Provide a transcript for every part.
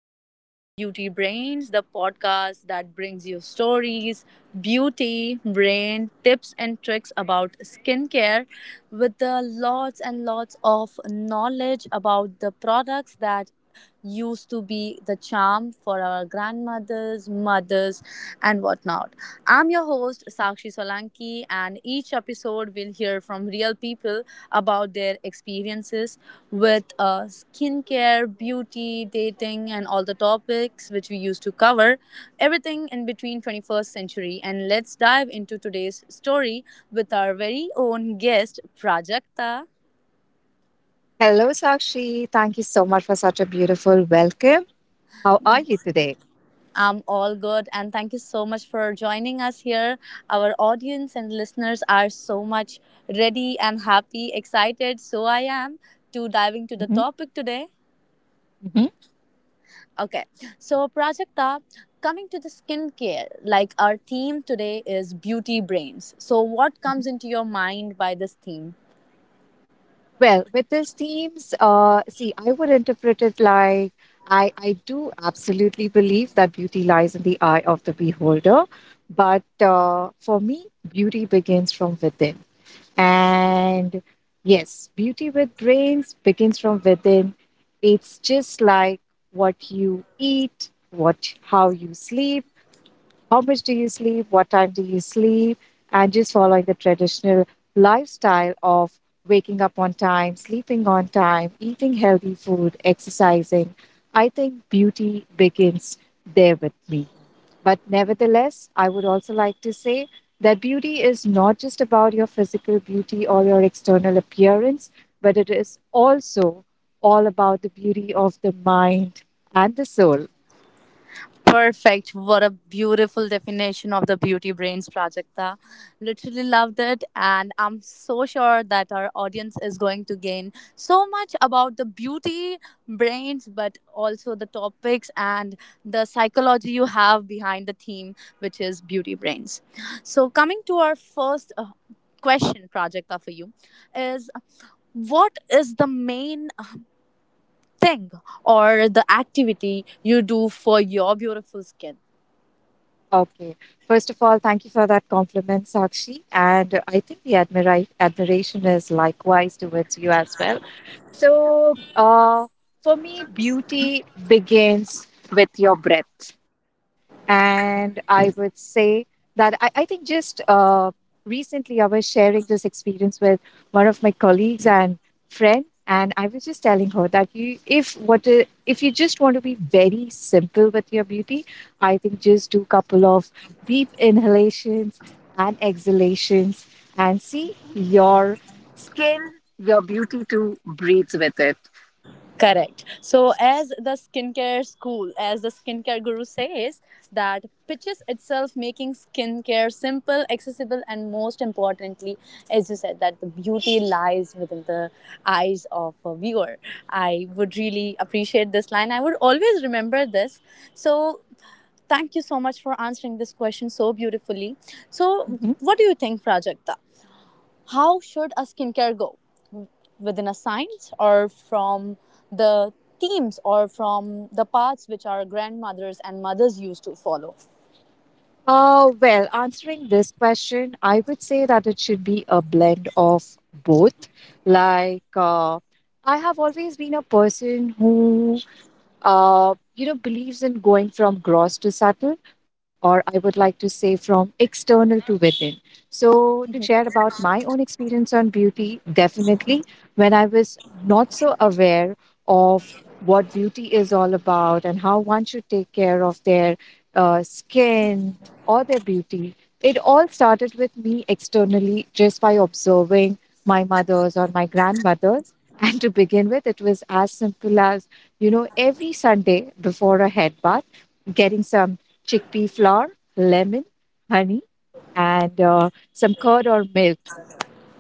Welcome to the Beauty Brains, the podcast that brings you stories, beauty, brain, tips, and tricks about skincare with the lots and lots of knowledge about the products that used to be the charm for our grandmothers, mothers, and whatnot. I'm your host, Sakshi Solanki, and each episode will hear from real people about their experiences with skincare, beauty, dating, and all the topics which we used to cover, everything in between 21st century. And let's dive into today's story with our very own guest, Prajakta. Hello, Sakshi. Thank you so much for such a beautiful welcome. How are you today? I'm all good, and thank you so much for joining us here. Our audience and listeners are so much ready and happy, excited. So I am to dive into the hmm topic today. hmm Okay, so Prajakta, coming to the skincare, like our theme today is beauty brains. So, what comes hmm into your mind by this theme? Well, with these themes, see, I would interpret it like I do absolutely believe that beauty lies in the eye of the beholder. But for me, beauty begins from within. And yes, beauty with brains begins from within. It's just like what you eat, what how you sleep, how much do you sleep, what time do you sleep, and just following the traditional lifestyle of waking up on time, sleeping on time, eating healthy food, exercising. I think beauty begins there with me. But nevertheless, I would also like to say that beauty is not just about your physical beauty or your external appearance, but it is also all about the beauty of the mind and the soul. Perfect. What a beautiful definition of the Beauty Brains Prajakta. Literally loved it. And I'm so sure that our audience is going to gain so much about the beauty brains, but also the topics and the psychology you have behind the theme, which is beauty brains. So, coming to our first question, Prajakta, for you is what is the main thing or the activity you do for your beautiful skin? Okay. First of all, thank you for that compliment, Sakshi. And I think the admiration is likewise towards you as well. So, for me, beauty begins with your breath. And I would say that I think just recently I was sharing this experience with one of my colleagues and friend. And I was just telling her that you, if what I- if you just want to be very simple with your beauty, I think just do couple of deep inhalations and exhalations and see your skin your beauty too breathes with it? Correct. So, as the skincare school, as the skincare guru says, that pitches itself making skincare simple, accessible, and most importantly, as you said, that the beauty lies within the eyes of a viewer. I would really appreciate this line. I would always remember this. So, thank you so much for answering this question so beautifully. So, Mhm. what do you think, Prajakta? How should a skincare go? Within a science or from the themes or from the paths which our grandmothers and mothers used to follow. Well, answering this question, I would say that it should be a blend of both. Like, uh, I have always been a person who you know, believes in going from gross to subtle, or I would like to say from external to within. So, to Mhm. share about my own experience on beauty, definitely when I was not so aware of what beauty is all about and how one should take care of their skin or their beauty, it all started with me externally just by observing my mother's or my grandmother's. And to begin with, it was as simple as you know, every Sunday before a head bath, getting some chickpea flour, lemon, honey, and some curd or milk,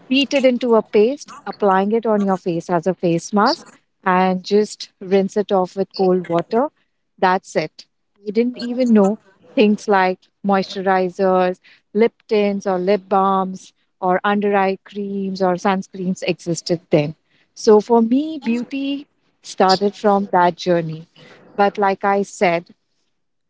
beat it into a paste, applying it on your face as a face mask, and just rinse it off with cold water. That's it. I didn't even know things like moisturizers, lip tints, or lip balms, or under eye creams, or sunscreens existed then. So for me, beauty started from that journey. But like I said,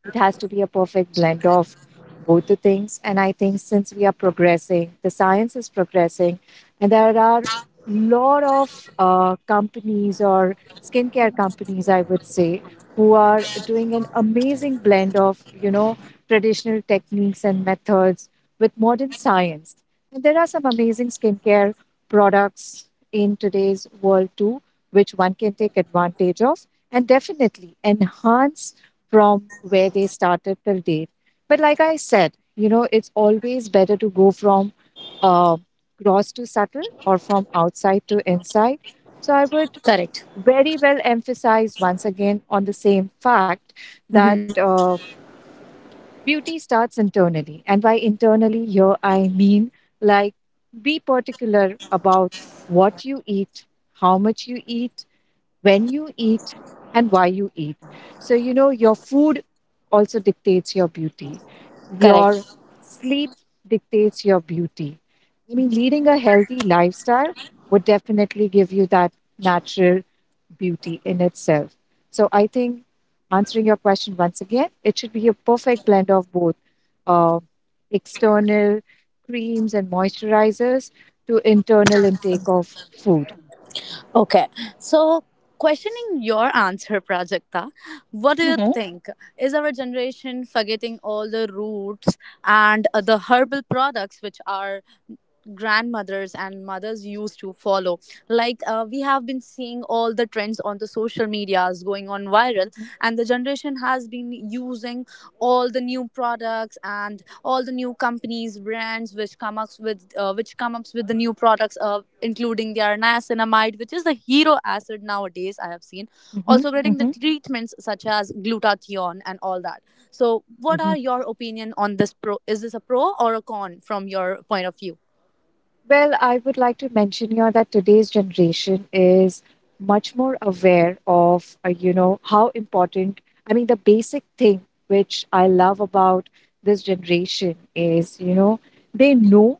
it has to be a perfect blend of both the things. And I think since we are progressing, the science is progressing, and there are a lot of companies or skincare companies, I would say, who are doing an amazing blend of, you know, traditional techniques and methods with modern science. And there are some amazing skincare products in today's world too, which one can take advantage of and definitely enhance from where they started till date. But like I said, you know, it's always better to go from uh, gross to subtle or from outside to inside. So I would Correct. very well emphasize once again on the same fact that Hmm. Beauty starts internally. And by internally, here I mean like be particular about what you eat, how much you eat, when you eat, and why you eat. So, you know, your food also dictates your beauty, your Correct. sleep dictates your beauty. I mean, leading a healthy lifestyle would definitely give you that natural beauty in itself. So, I think answering your question once again, it should be a perfect blend of both uh, external creams and moisturizers to internal intake of food. Okay. So, questioning your answer, Prajakta, what do you Mhm. think? Is our generation forgetting all the roots and the herbal products which are grandmothers and mothers used to follow, like we have been seeing all the trends on the social medias going on viral, Mhm. and the generation has been using all the new products and all the new companies brands which come up with the new products, including their niacinamide, which is the hero acid nowadays. I have seen also getting the Mhm. treatments such as glutathione and all that. So what are Mhm. your opinion on this? Pro, is this a pro or a con from your point of view? Well, I would like to mention here that today's generation is much more aware of, you know, how important, I mean, the basic thing which I love about this generation is, you know, they know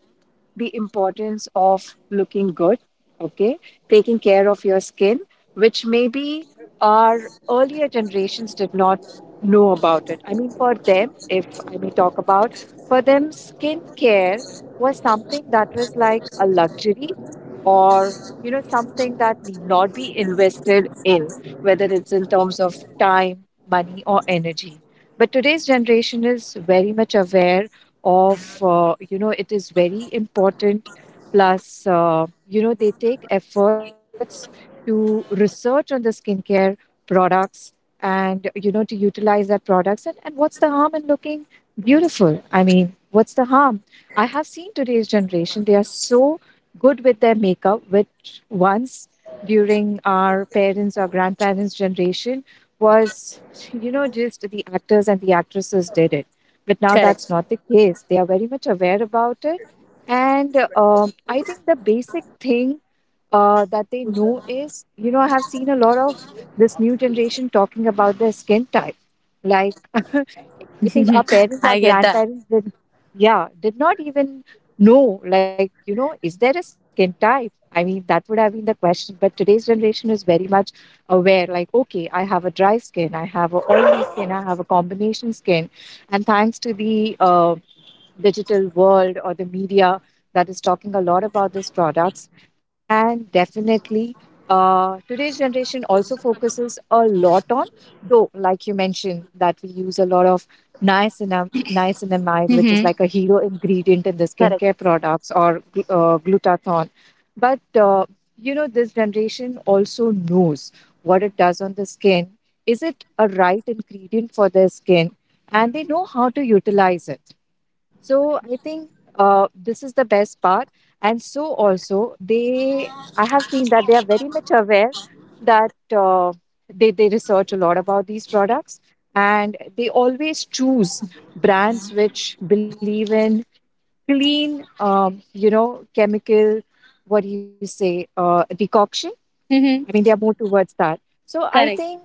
the importance of looking good, okay, taking care of your skin, which maybe our earlier generations did not know about it. I mean, for them, if I may talk about, for them, skincare was something that was like a luxury, or you know, something that need not be invested in, whether it's in terms of time, money, or energy. But today's generation is very much aware of, you know, it is very important. Plus you know, they take efforts to research on the skincare products, and you know, to utilize that products. And what's the harm in looking beautiful? I mean, what's the harm? I have seen today's generation, they are so good with their makeup, which once during our parents or grandparents generation was, you know, just the actors and the actresses did it. But now that's Correct. not the case. They are very much aware about it. And I think the basic thing that they know is, you know, I have seen a lot of this new generation talking about their skin type. Like, I think our parents, our I get that. grandparents did, yeah, did not even know, like, you know, is there a skin type? I mean, that would have been the question. But today's generation is very much aware, like, okay, I have a dry skin, I have a oily skin, I have a combination skin. And thanks to the digital world or the media that is talking a lot about these products. And definitely, today's generation also focuses a lot on, though, like you mentioned, that we use a lot of niacinamide, which is Mm-hmm. like a hero ingredient in the skincare Correct. products, or glutathione. But you know, this generation also knows what it does on the skin. Is it a right ingredient for their skin? And they know how to utilize it. So I think this is the best part. And so also they, I have seen that they are very much aware that they research a lot about these products, and they always choose brands which believe in clean, you know, chemical, what do you say, decoction. I Mm-hmm. mean, they are more towards that. So I Correct. think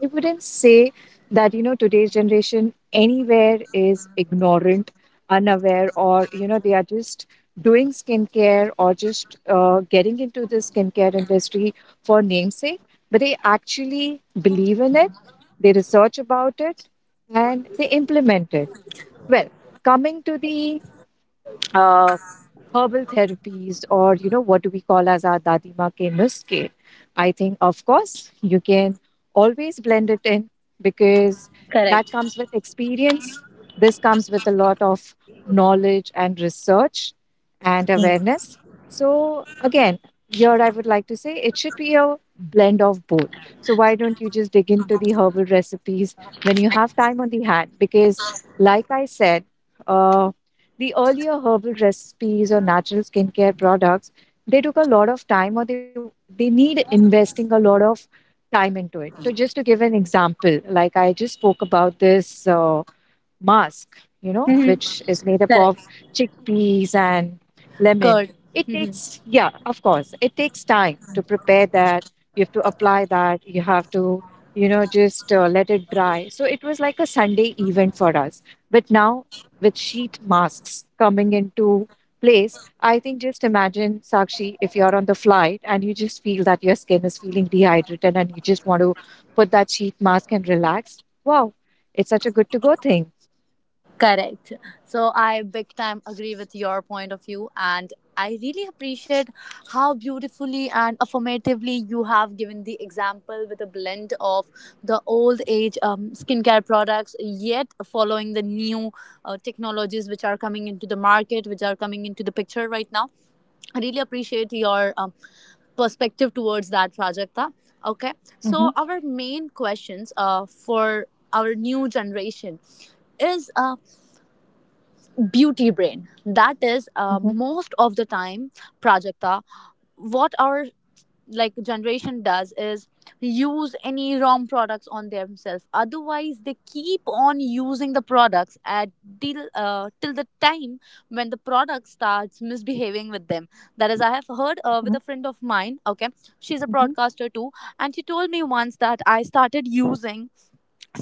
I wouldn't say that, you know, today's generation anywhere is ignorant, unaware, or, you know, they are just doing skincare or just getting into the skincare industry for namesake, but they actually believe in it, they research about it, and they implement it. Well, coming to the uh, herbal therapies, or you know, what do we call as our dadima ke nuske, I think of course you can always blend it in, because that Correct. comes with experience. This comes with a lot of knowledge and research and awareness. So again, here I would like to say it should be a blend of both. So why don't you just dig into the herbal recipes when you have time on the hand? Because like I said, uh, the earlier herbal recipes or natural skincare products, they took a lot of time, or they need investing a lot of time into it. So just to give an example, like I just spoke about this mask, you know, Mm-hmm. which is made up Correct. of chickpeas and lemon. Good. It Mm-hmm. takes, yeah, of course, it takes time to prepare that. You have to apply that. You have to, you know, just let it dry. So it was like a Sunday event for us. But now, with sheet masks coming into place, I think just imagine, Sakshi, if you're on the flight and you just feel that your skin is feeling dehydrated and you just want to put that sheet mask and relax. Wow, it's such a good to go thing. Correct. So I big time agree with your point of view, and I really appreciate how beautifully and affirmatively you have given the example with a blend of the old age skincare products, yet following the new technologies which are coming into the market, which are coming into the picture right now. I really appreciate your perspective towards that, Rajakta. Okay, so Mhm, our main questions for our new generation is beauty brain. That is, mhm, most of the time, Prajakta, what our like generation does is use any wrong products on themselves. Otherwise, they keep on using the products at till till the time when the product starts misbehaving with them. That is, I have heard with mhm, a friend of mine. Okay, she's a mhm, broadcaster too, and she told me once that I started using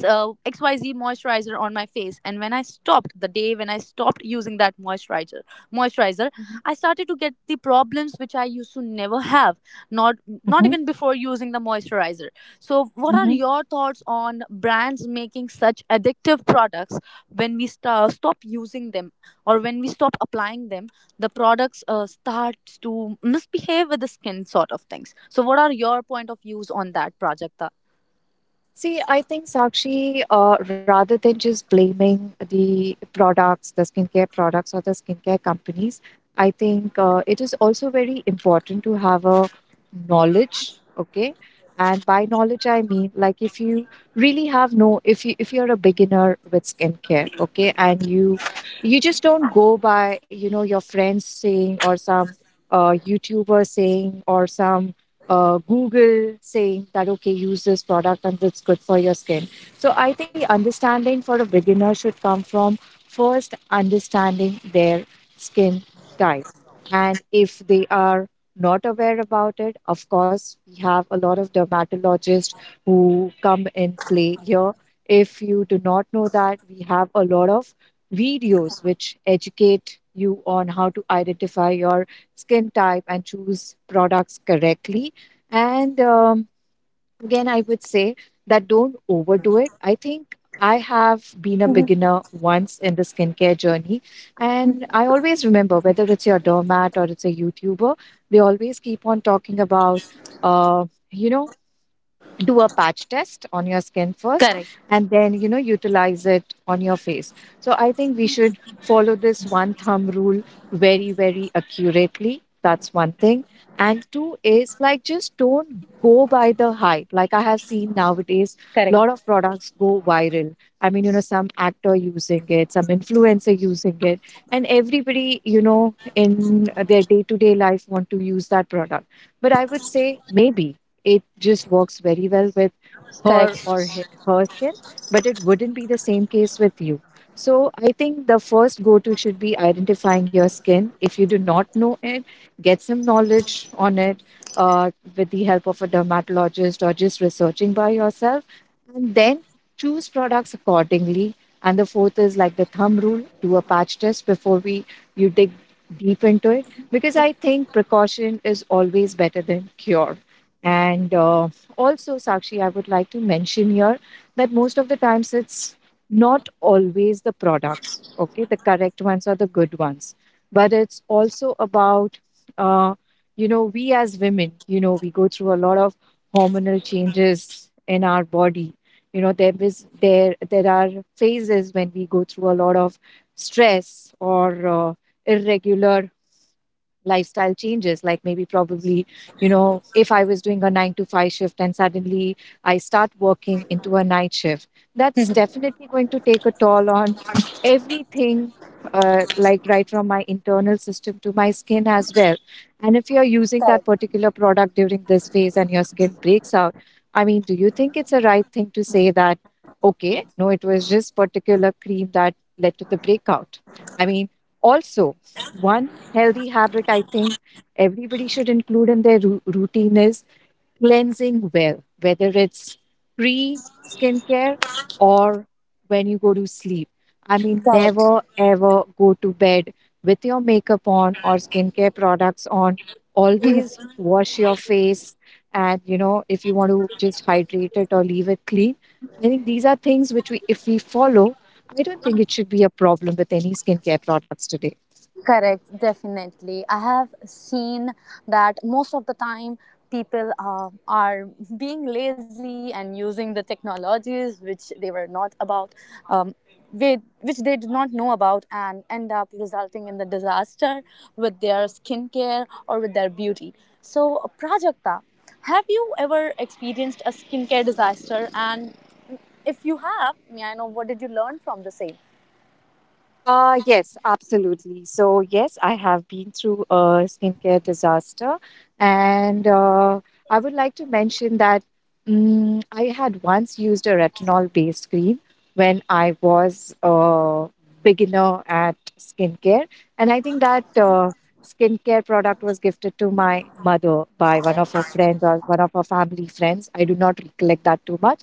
so xyz moisturizer on my face, and when I stopped, the day when I stopped using that moisturizer, mhm, I started to get the problems which I used to never have, not not mhm, even before using the moisturizer. So what are mhm. your thoughts on brands making such addictive products? When we stop using them or when we stop applying them, the products starts to misbehave with the skin sort of things. So what are your point of views on that, Prajakta? See, I think Sakshi, rather than just blaming the products, the skincare products or the skincare companies, I think it is also very important to have a knowledge, okay? And by knowledge, I mean like if you really have no, if you if you're a beginner with skincare, okay, and you just don't go by you know your friends saying, or some YouTuber saying, or some Google saying that, okay, use this product and it's good for your skin. So I think the understanding for a beginner should come from first understanding their skin type. And if they are not aware about it, of course, we have a lot of dermatologists who come in play here. If you do not know that, we have a lot of videos which educate you on how to identify your skin type and choose products correctly. And again, I would say that don't overdo it. I think I have been a beginner once in the skincare journey. And I always remember, whether it's your doormat or it's a YouTuber, they always keep on talking about, uh, you know, do a patch test on your skin first Correct, and then, you know, utilize it on your face. So I think we should follow this one thumb rule very accurately. That's one thing, and two is like, just don't go by the hype. Like, I have seen nowadays a lot correct, of products go viral. I mean, you know, some actor using it, some influencer using it, and everybody, you know, in their day to day life want to use that product. But I would say maybe it just works very well with her, or correct. Her skin, but it wouldn't be the same case with you. So I think the first go to should be identifying your skin. If you do not know it, get some knowledge on it, uh, with the help of a dermatologist or just researching by yourself, and then choose products accordingly. And the fourth is like the thumb rule: do a patch test before we you dig deep into it, because I think precaution is always better than cure. And Also, Sakshi, I would like to mention here that most of the times it's not always the products, okay? The correct ones are the good ones, but it's also about, uh, we as women, you know, we go through a lot of hormonal changes in our body. You know, there is there there are phases when we go through a lot of stress or irregular lifestyle changes. Like, maybe probably, you know, if I was doing a 9 to 5 shift and suddenly I start working into a night shift, that's definitely going to take a toll on everything, like right from my internal system to my skin as well. And if you're using that particular product during this phase and your skin breaks out, I mean, do you think it's a right thing to say that, okay, no, it was just particular cream that led to the breakout? I mean, also, one healthy habit I think everybody should include in their routine is cleansing well, whether it's pre skincare or when you go to sleep. I mean, never ever go to bed with your makeup on or skincare products on. Always wash your face, and you know, if you want to just hydrate it or leave it clean. I think these are things which we, if we follow, I don't think it should be a problem with any skincare products today. Correct, definitely. I have seen that most of the time people are being lazy and using the technologies which they were not about, um, which they did not know about, and end up resulting in the disaster with their skincare or with their beauty. So, Prajakta, have you ever experienced a skincare disaster? And if you have, may I know what did you learn from the same? Yes, absolutely. So, yes, I have been through a skincare disaster, and I would like to mention that I had once used a retinol-based cream when I was a beginner at skincare, and I think that skincare product was gifted to my mother by one of her friends or one of her family friends. I do not recollect that too much,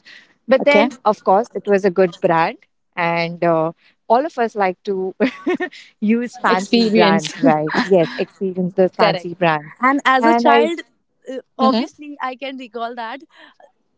but Okay, then, of course, it was a good brand, and all of us like to use fancy brands, experience. right? Yes, experience those Correct. fancy brands. And as a And I. child, Mhm. obviously, I can recall that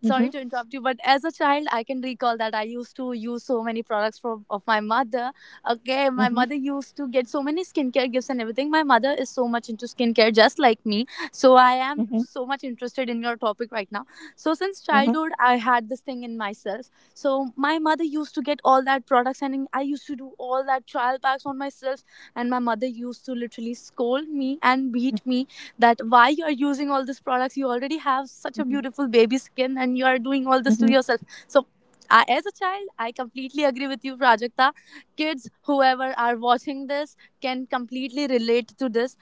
sorry Mhm. to interrupt you, but as a child, I can recall that I used to use so many products from of my mother. Okay, my Mhm. mother used to get so many skincare gifts and everything. My mother is so much into skincare, just like me. So I am Mhm. so much interested in your topic right now. So since Mhm. childhood, I had this thing in myself. So my mother used to get all that products, and I used to do all that trial packs on myself. And my mother used to literally scold me and Mhm. beat me that why you are using all these products, you already have such a Mhm. beautiful baby skin and you are doing all this to Mhm. yourself. So I, as a child, I completely agree with you, Prajakta. Kids whoever are watching this can completely relate to this,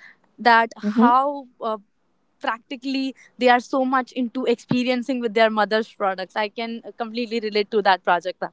that Mhm. how practically they are so much into experiencing with their mother's products. I can completely relate to that, Prajakta.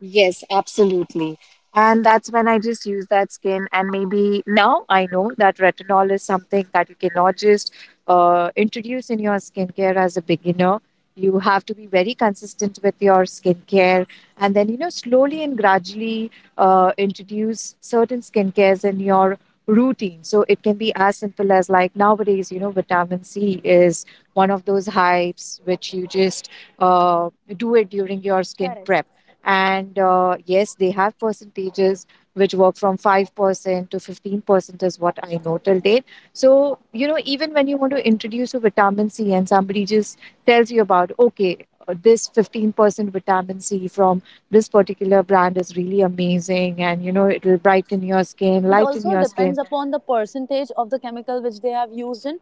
Yes, absolutely. And that's when I just use that skin. And maybe now I know that retinol is something that you cannot just introduce in your skincare as a beginner. You have to be very consistent with your skincare, and then, you know, slowly and gradually introduce certain skincares in your routine. So it can be as simple as, like, nowadays, you know, vitamin C is one of those hypes which you just uh, do it during your skin Correct. prep. And yes, they have percentages which work from 5% to 15% is what I know till date. So, you know, even when you want to introduce a vitamin C and somebody just tells you about, okay, this 15% vitamin C from this particular brand is really amazing, and, you know, it'll brighten your skin, It lighten also your skin. depends upon the percentage of the chemical which they have used in.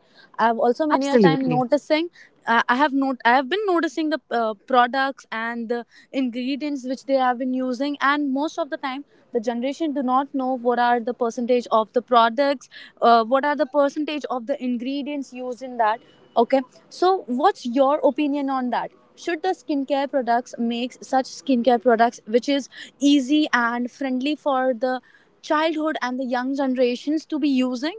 I've also many a time Absolutely. noticing, I have not I have been noticing the products and the ingredients which they have been using, and most of the time the generation do not know what are the percentage of the products, what are the percentage of the ingredients used in that. Okay, so what's your opinion on that? Should the skincare products make such skincare products which is easy and friendly for the childhood and the young generations to be using?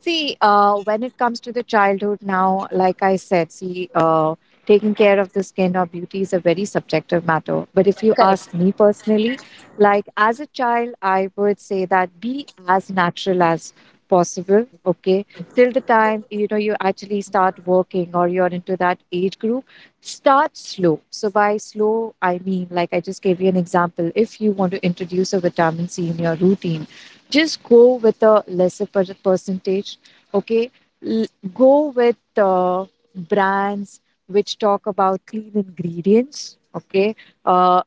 See, when it comes to the childhood now, like I said, see, taking care of the skin or beauty is a very subjective matter. But if you ask me personally, like, as a child, I would say that be as natural as possible, okay? Till the time, you know, you actually start working or you're into that age group, start slow. So by slow, I mean, like, I just gave you an example. If you want to introduce a vitamin C in your routine, just go with a lesser percentage, okay? L- Go with brands which talk about clean ingredients, okay? uh,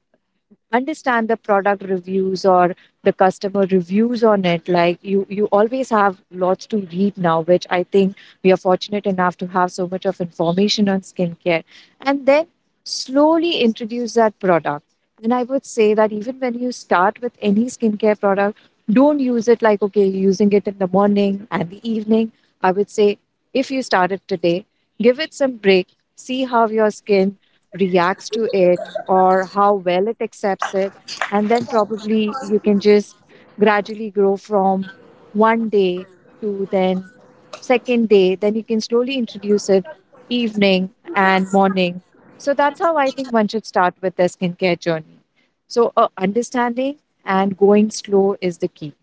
Understand the product reviews or the customer reviews on it. Like, you always have lots to read now, which I think we are fortunate enough to have so much of information on skincare, and then slowly introduce that product. And I would say that even when you start with any skincare product, don't use it like, okay, you're using it in the morning and the evening. I would say, if you started today, give it some break. See how your skin reacts to it or how well it accepts it. And then probably you can just gradually grow from one day to then second day. Then you can slowly introduce it evening and morning. So that's how I think one should start with their skincare journey. So understanding and going slow is the key.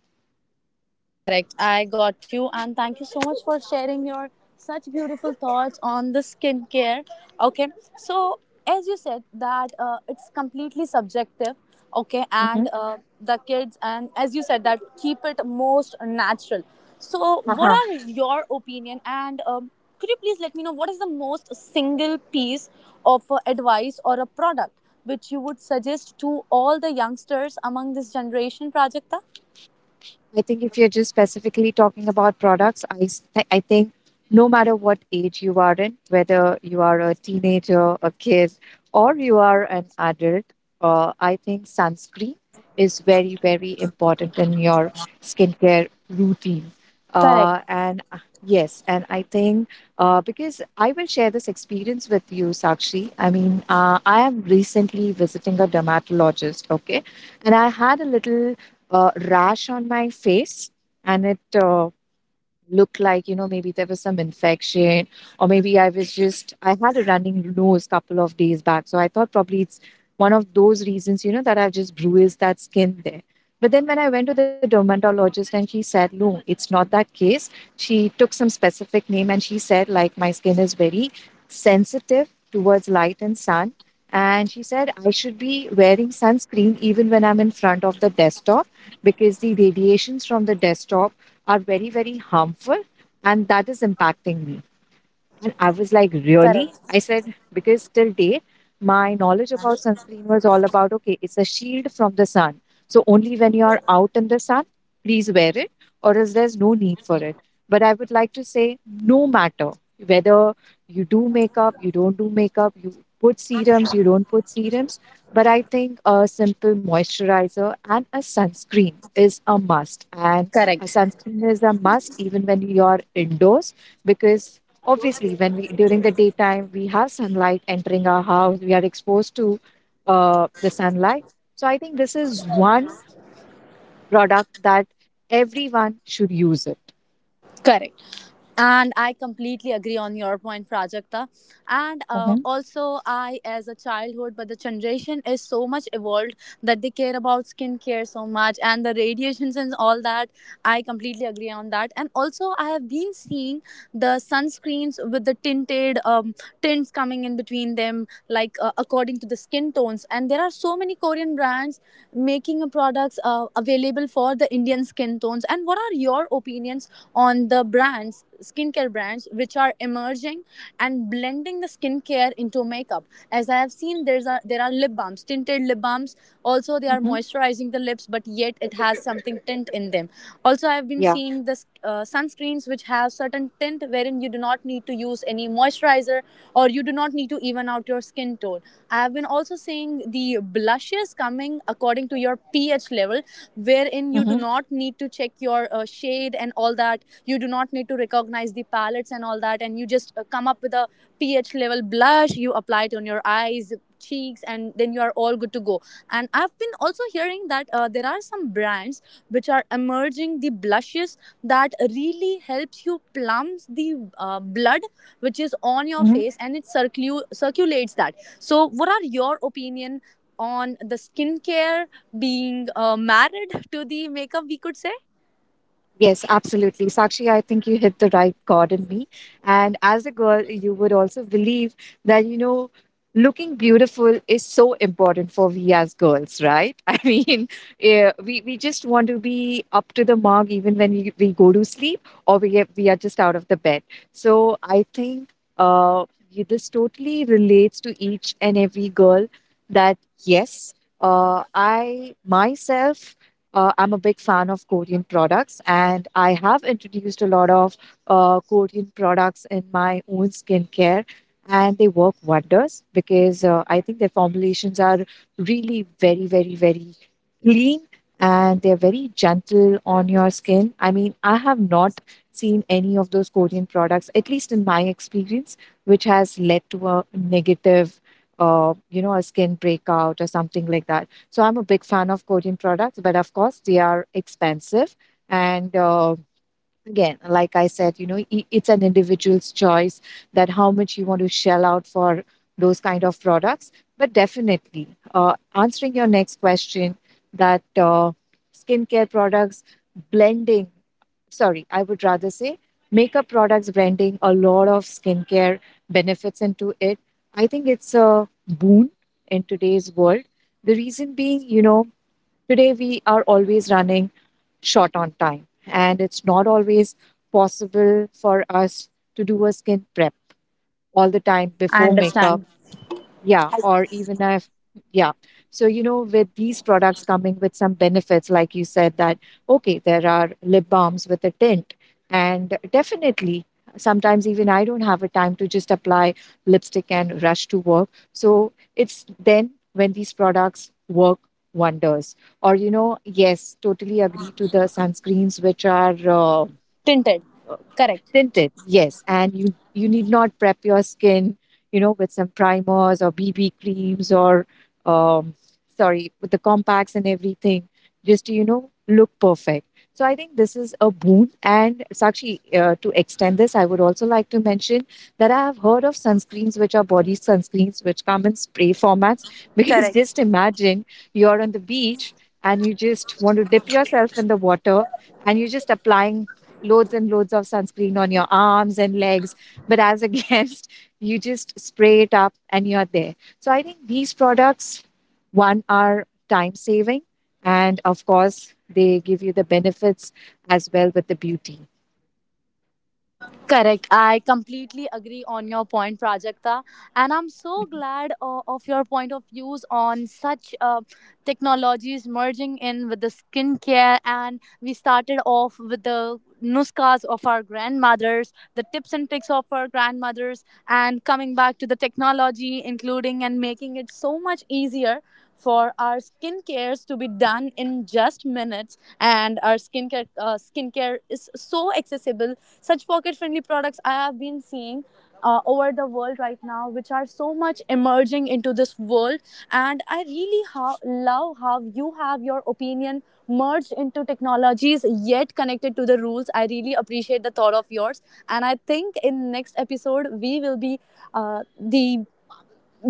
Correct. I got you. And thank you so much for sharing your such beautiful thoughts on the skincare. Okay. So, as you said, that it's completely subjective. Okay. Mhm. And the kids, and as you said, that keep it most natural. So, what are your opinion? And could you please let me know what is the most single piece of advice or a product which you would suggest to all the youngsters among this generation, Prajakta? I think if you're just specifically talking about products, I, s- I think no matter what age you are in, whether you are a teenager, a kid, or you are an adult, I think sunscreen is very, very important in your skincare routine. Correct. And Yes, and I think because I will share this experience with you, Sakshi. I mean, I am recently visiting a dermatologist, okay? And I had a rash on my face, and it looked like, you know, maybe there was some infection, or maybe I was just I had a running nose couple of days back, so I thought probably it's one of those reasons, you know, that I've just bruised that skin there. But then when I went to the dermatologist and she said, no, it's not that case. She took some specific name and she said, like, my skin is very sensitive towards light and sun. And she said, I should be wearing sunscreen even when I'm in front of the desktop because the radiations from the desktop are very, very harmful and that is impacting me. And I was like, really? I said, because till day, my knowledge about sunscreen was all about, okay, it's a shield from the sun. So only when you are out in the sun, please wear it, or else there's no need for it. But I would like to say, no matter whether you do makeup, you don't do makeup, you put serums, you don't put serums, but I think a simple moisturizer and a sunscreen is a must. And a Correct. sunscreen is a must even when you're indoors, because obviously when we during the daytime we have sunlight entering our house, we are exposed to the sunlight. So I think this is one product that everyone should use it. करें। And I completely agree on your point, Prajakta. And Mm-hmm. also, I, as a childhood, but the generation is so much evolved that they care about skincare so much and the radiations and all that. I completely agree on that. And also, I have been seeing the sunscreens with the tinted tints coming in between them, like according to the skin tones. And there are so many Korean brands making products available for the Indian skin tones. And what are your opinions on the brands skincare brands which are emerging and blending the skincare into makeup? As I have seen, there are lip balms, tinted lip balms. Also, they are Mm-hmm. moisturizing the lips, but yet it has something tint in them. Also, I have been Yeah. seeing the sunscreens which have certain tint wherein you do not need to use any moisturizer or you do not need to even out your skin tone. I have been also seeing the blushes coming according to your pH level, wherein you do Mm-hmm. not need to check your shade and all that. You do not need to recognize the palettes and all that, and you just come up with a ph level blush. You apply it on your eyes, cheeks, and then you are all good to go. And I've been also hearing that there are some brands which are emerging the blushes that really helps you plumb the blood which is on your face, and it circulates that. So what are your opinion on the skincare being married to the makeup, we could say? Yes, absolutely. Sakshi, I think you hit the right chord in me. And as a girl, you would also believe that, you know, looking beautiful is so important for we as girls, right? I mean, we just want to be up to the mark even when we go to sleep, or we are just out of the bed. So I think uh, this totally relates to each and every girl, that, yes, I myself, I'm a big fan of Korean products, and I have introduced a lot of Korean products in my own skincare, and they work wonders because I think their formulations are really very, very, very clean, and they're very gentle on your skin. I mean, I have not seen any of those Korean products, at least in my experience, which has led to a negative, a skin breakout or something like that. So I'm a big fan of Korean products, but of course they are expensive. And again, like I said, you know, it's an individual's choice, that how much you want to shell out for those kind of products. But definitely, answering your next question, that uh, skincare products blending, sorry, I would rather say makeup products blending a lot of skincare benefits into it, I think it's a boon in today's world. The reason being, you know, today, we are always running short on time, and it's not always possible for us to do a skin prep all the time I before makeup. understand. Yeah, or even if, yeah. So, you know, with these products coming with some benefits, like you said, that, okay, there are lip balms with a tint. And definitely, sometimes even I don't have a time to just apply lipstick and rush to work. So it's then when these products work wonders. Or, you know, yes, totally agree to the sunscreens, which are Tinted, correct. tinted, yes. And you need not prep your skin, you know, with some primers or BB creams or um, sorry, with the compacts and everything, just to, you know, look perfect. So I think this is a boon. And Sakshi, to extend this, I would also like to mention that I have heard of sunscreens which are body sunscreens which come in spray formats. Because just Correct. imagine, you're on the beach and you just want to dip yourself in the water and you're just applying loads and loads of sunscreen on your arms and legs. But as against, you just spray it up and you're there. So I think these products, one, are time saving, and of course, they give you the benefits as well with the beauty. Correct. I completely agree on your point, Prajakta. And I'm so glad of your point of views on such technologies merging in with the skincare. And we started off with the nuskas of our grandmothers, the tips and tricks of our grandmothers, and coming back to the technology, including and making it so much easier for our skincares to be done in just minutes. And our skincare, skincare is so accessible. Such pocket friendly products I have been seeing over the world right now, which are so much emerging into this world. And I really love how you have your opinion merged into technologies yet connected to the rules. I really appreciate the thought of yours. And I think in next episode, we will be the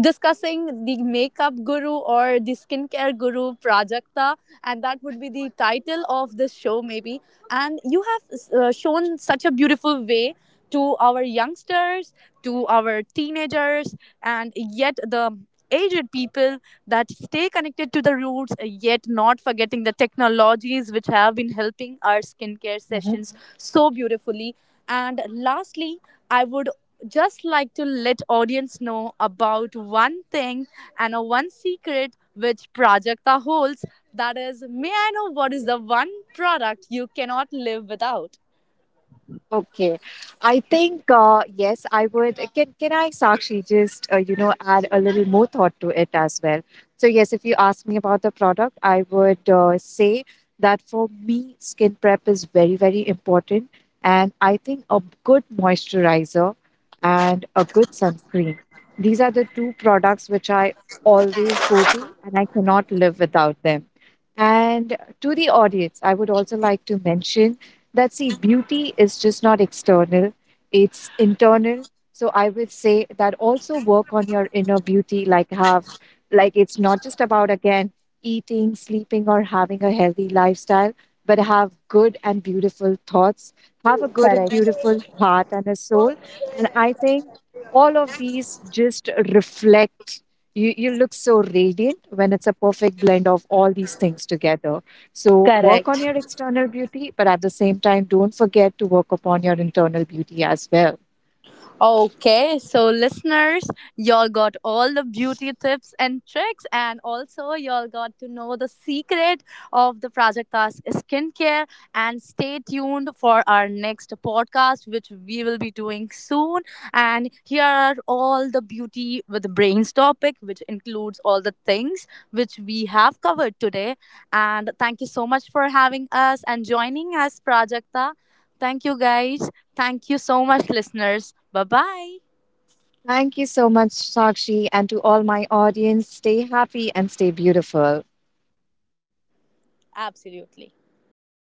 discussing the makeup guru or the skincare guru Prajakta, and that would be the title of this show, maybe. And you have shown such a beautiful way to our youngsters, to our teenagers, and yet the aged people, that stay connected to the roots, yet not forgetting the technologies which have been helping our skincare sessions so beautifully. And lastly, I would just like to let audience know about one thing and a one secret which Prajakta holds. That is, may I know what is the one product you cannot live without? Okay, I think yes, I would. Can I, Sakshi, just you know, add a little more thought to it as well? So yes, if you ask me about the product, I would say that for me, skin prep is very very important, and I think a good moisturizer and a good sunscreen. These are the two products which I always go to, and I cannot live without them. And to the audience, I would also like to mention that see, beauty is just not external, it's internal. So I would say that also work on your inner beauty, like have, like, it's not just about again eating, sleeping, or having a healthy lifestyle, but have good and beautiful thoughts, have a good and Correct. beautiful heart and a soul. And I think all of these just reflect. You look so radiant when it's a perfect blend of all these things together. So work on Correct. your external beauty, but at the same time, don't forget to work upon your internal beauty as well. Okay, so listeners, y'all got all the beauty tips and tricks, and also y'all got to know the secret of the Project Task skincare. And stay tuned for our next podcast, which we will be doing soon. And here are all the beauty with the brains topic, which includes all the things which we have covered today. And thank you so much for having us and joining us, Prajakta. Thank you, guys. Thank you so much, listeners. Bye bye. Thank you so much, Sakshi, and to all my audience. Stay happy and stay beautiful. Absolutely.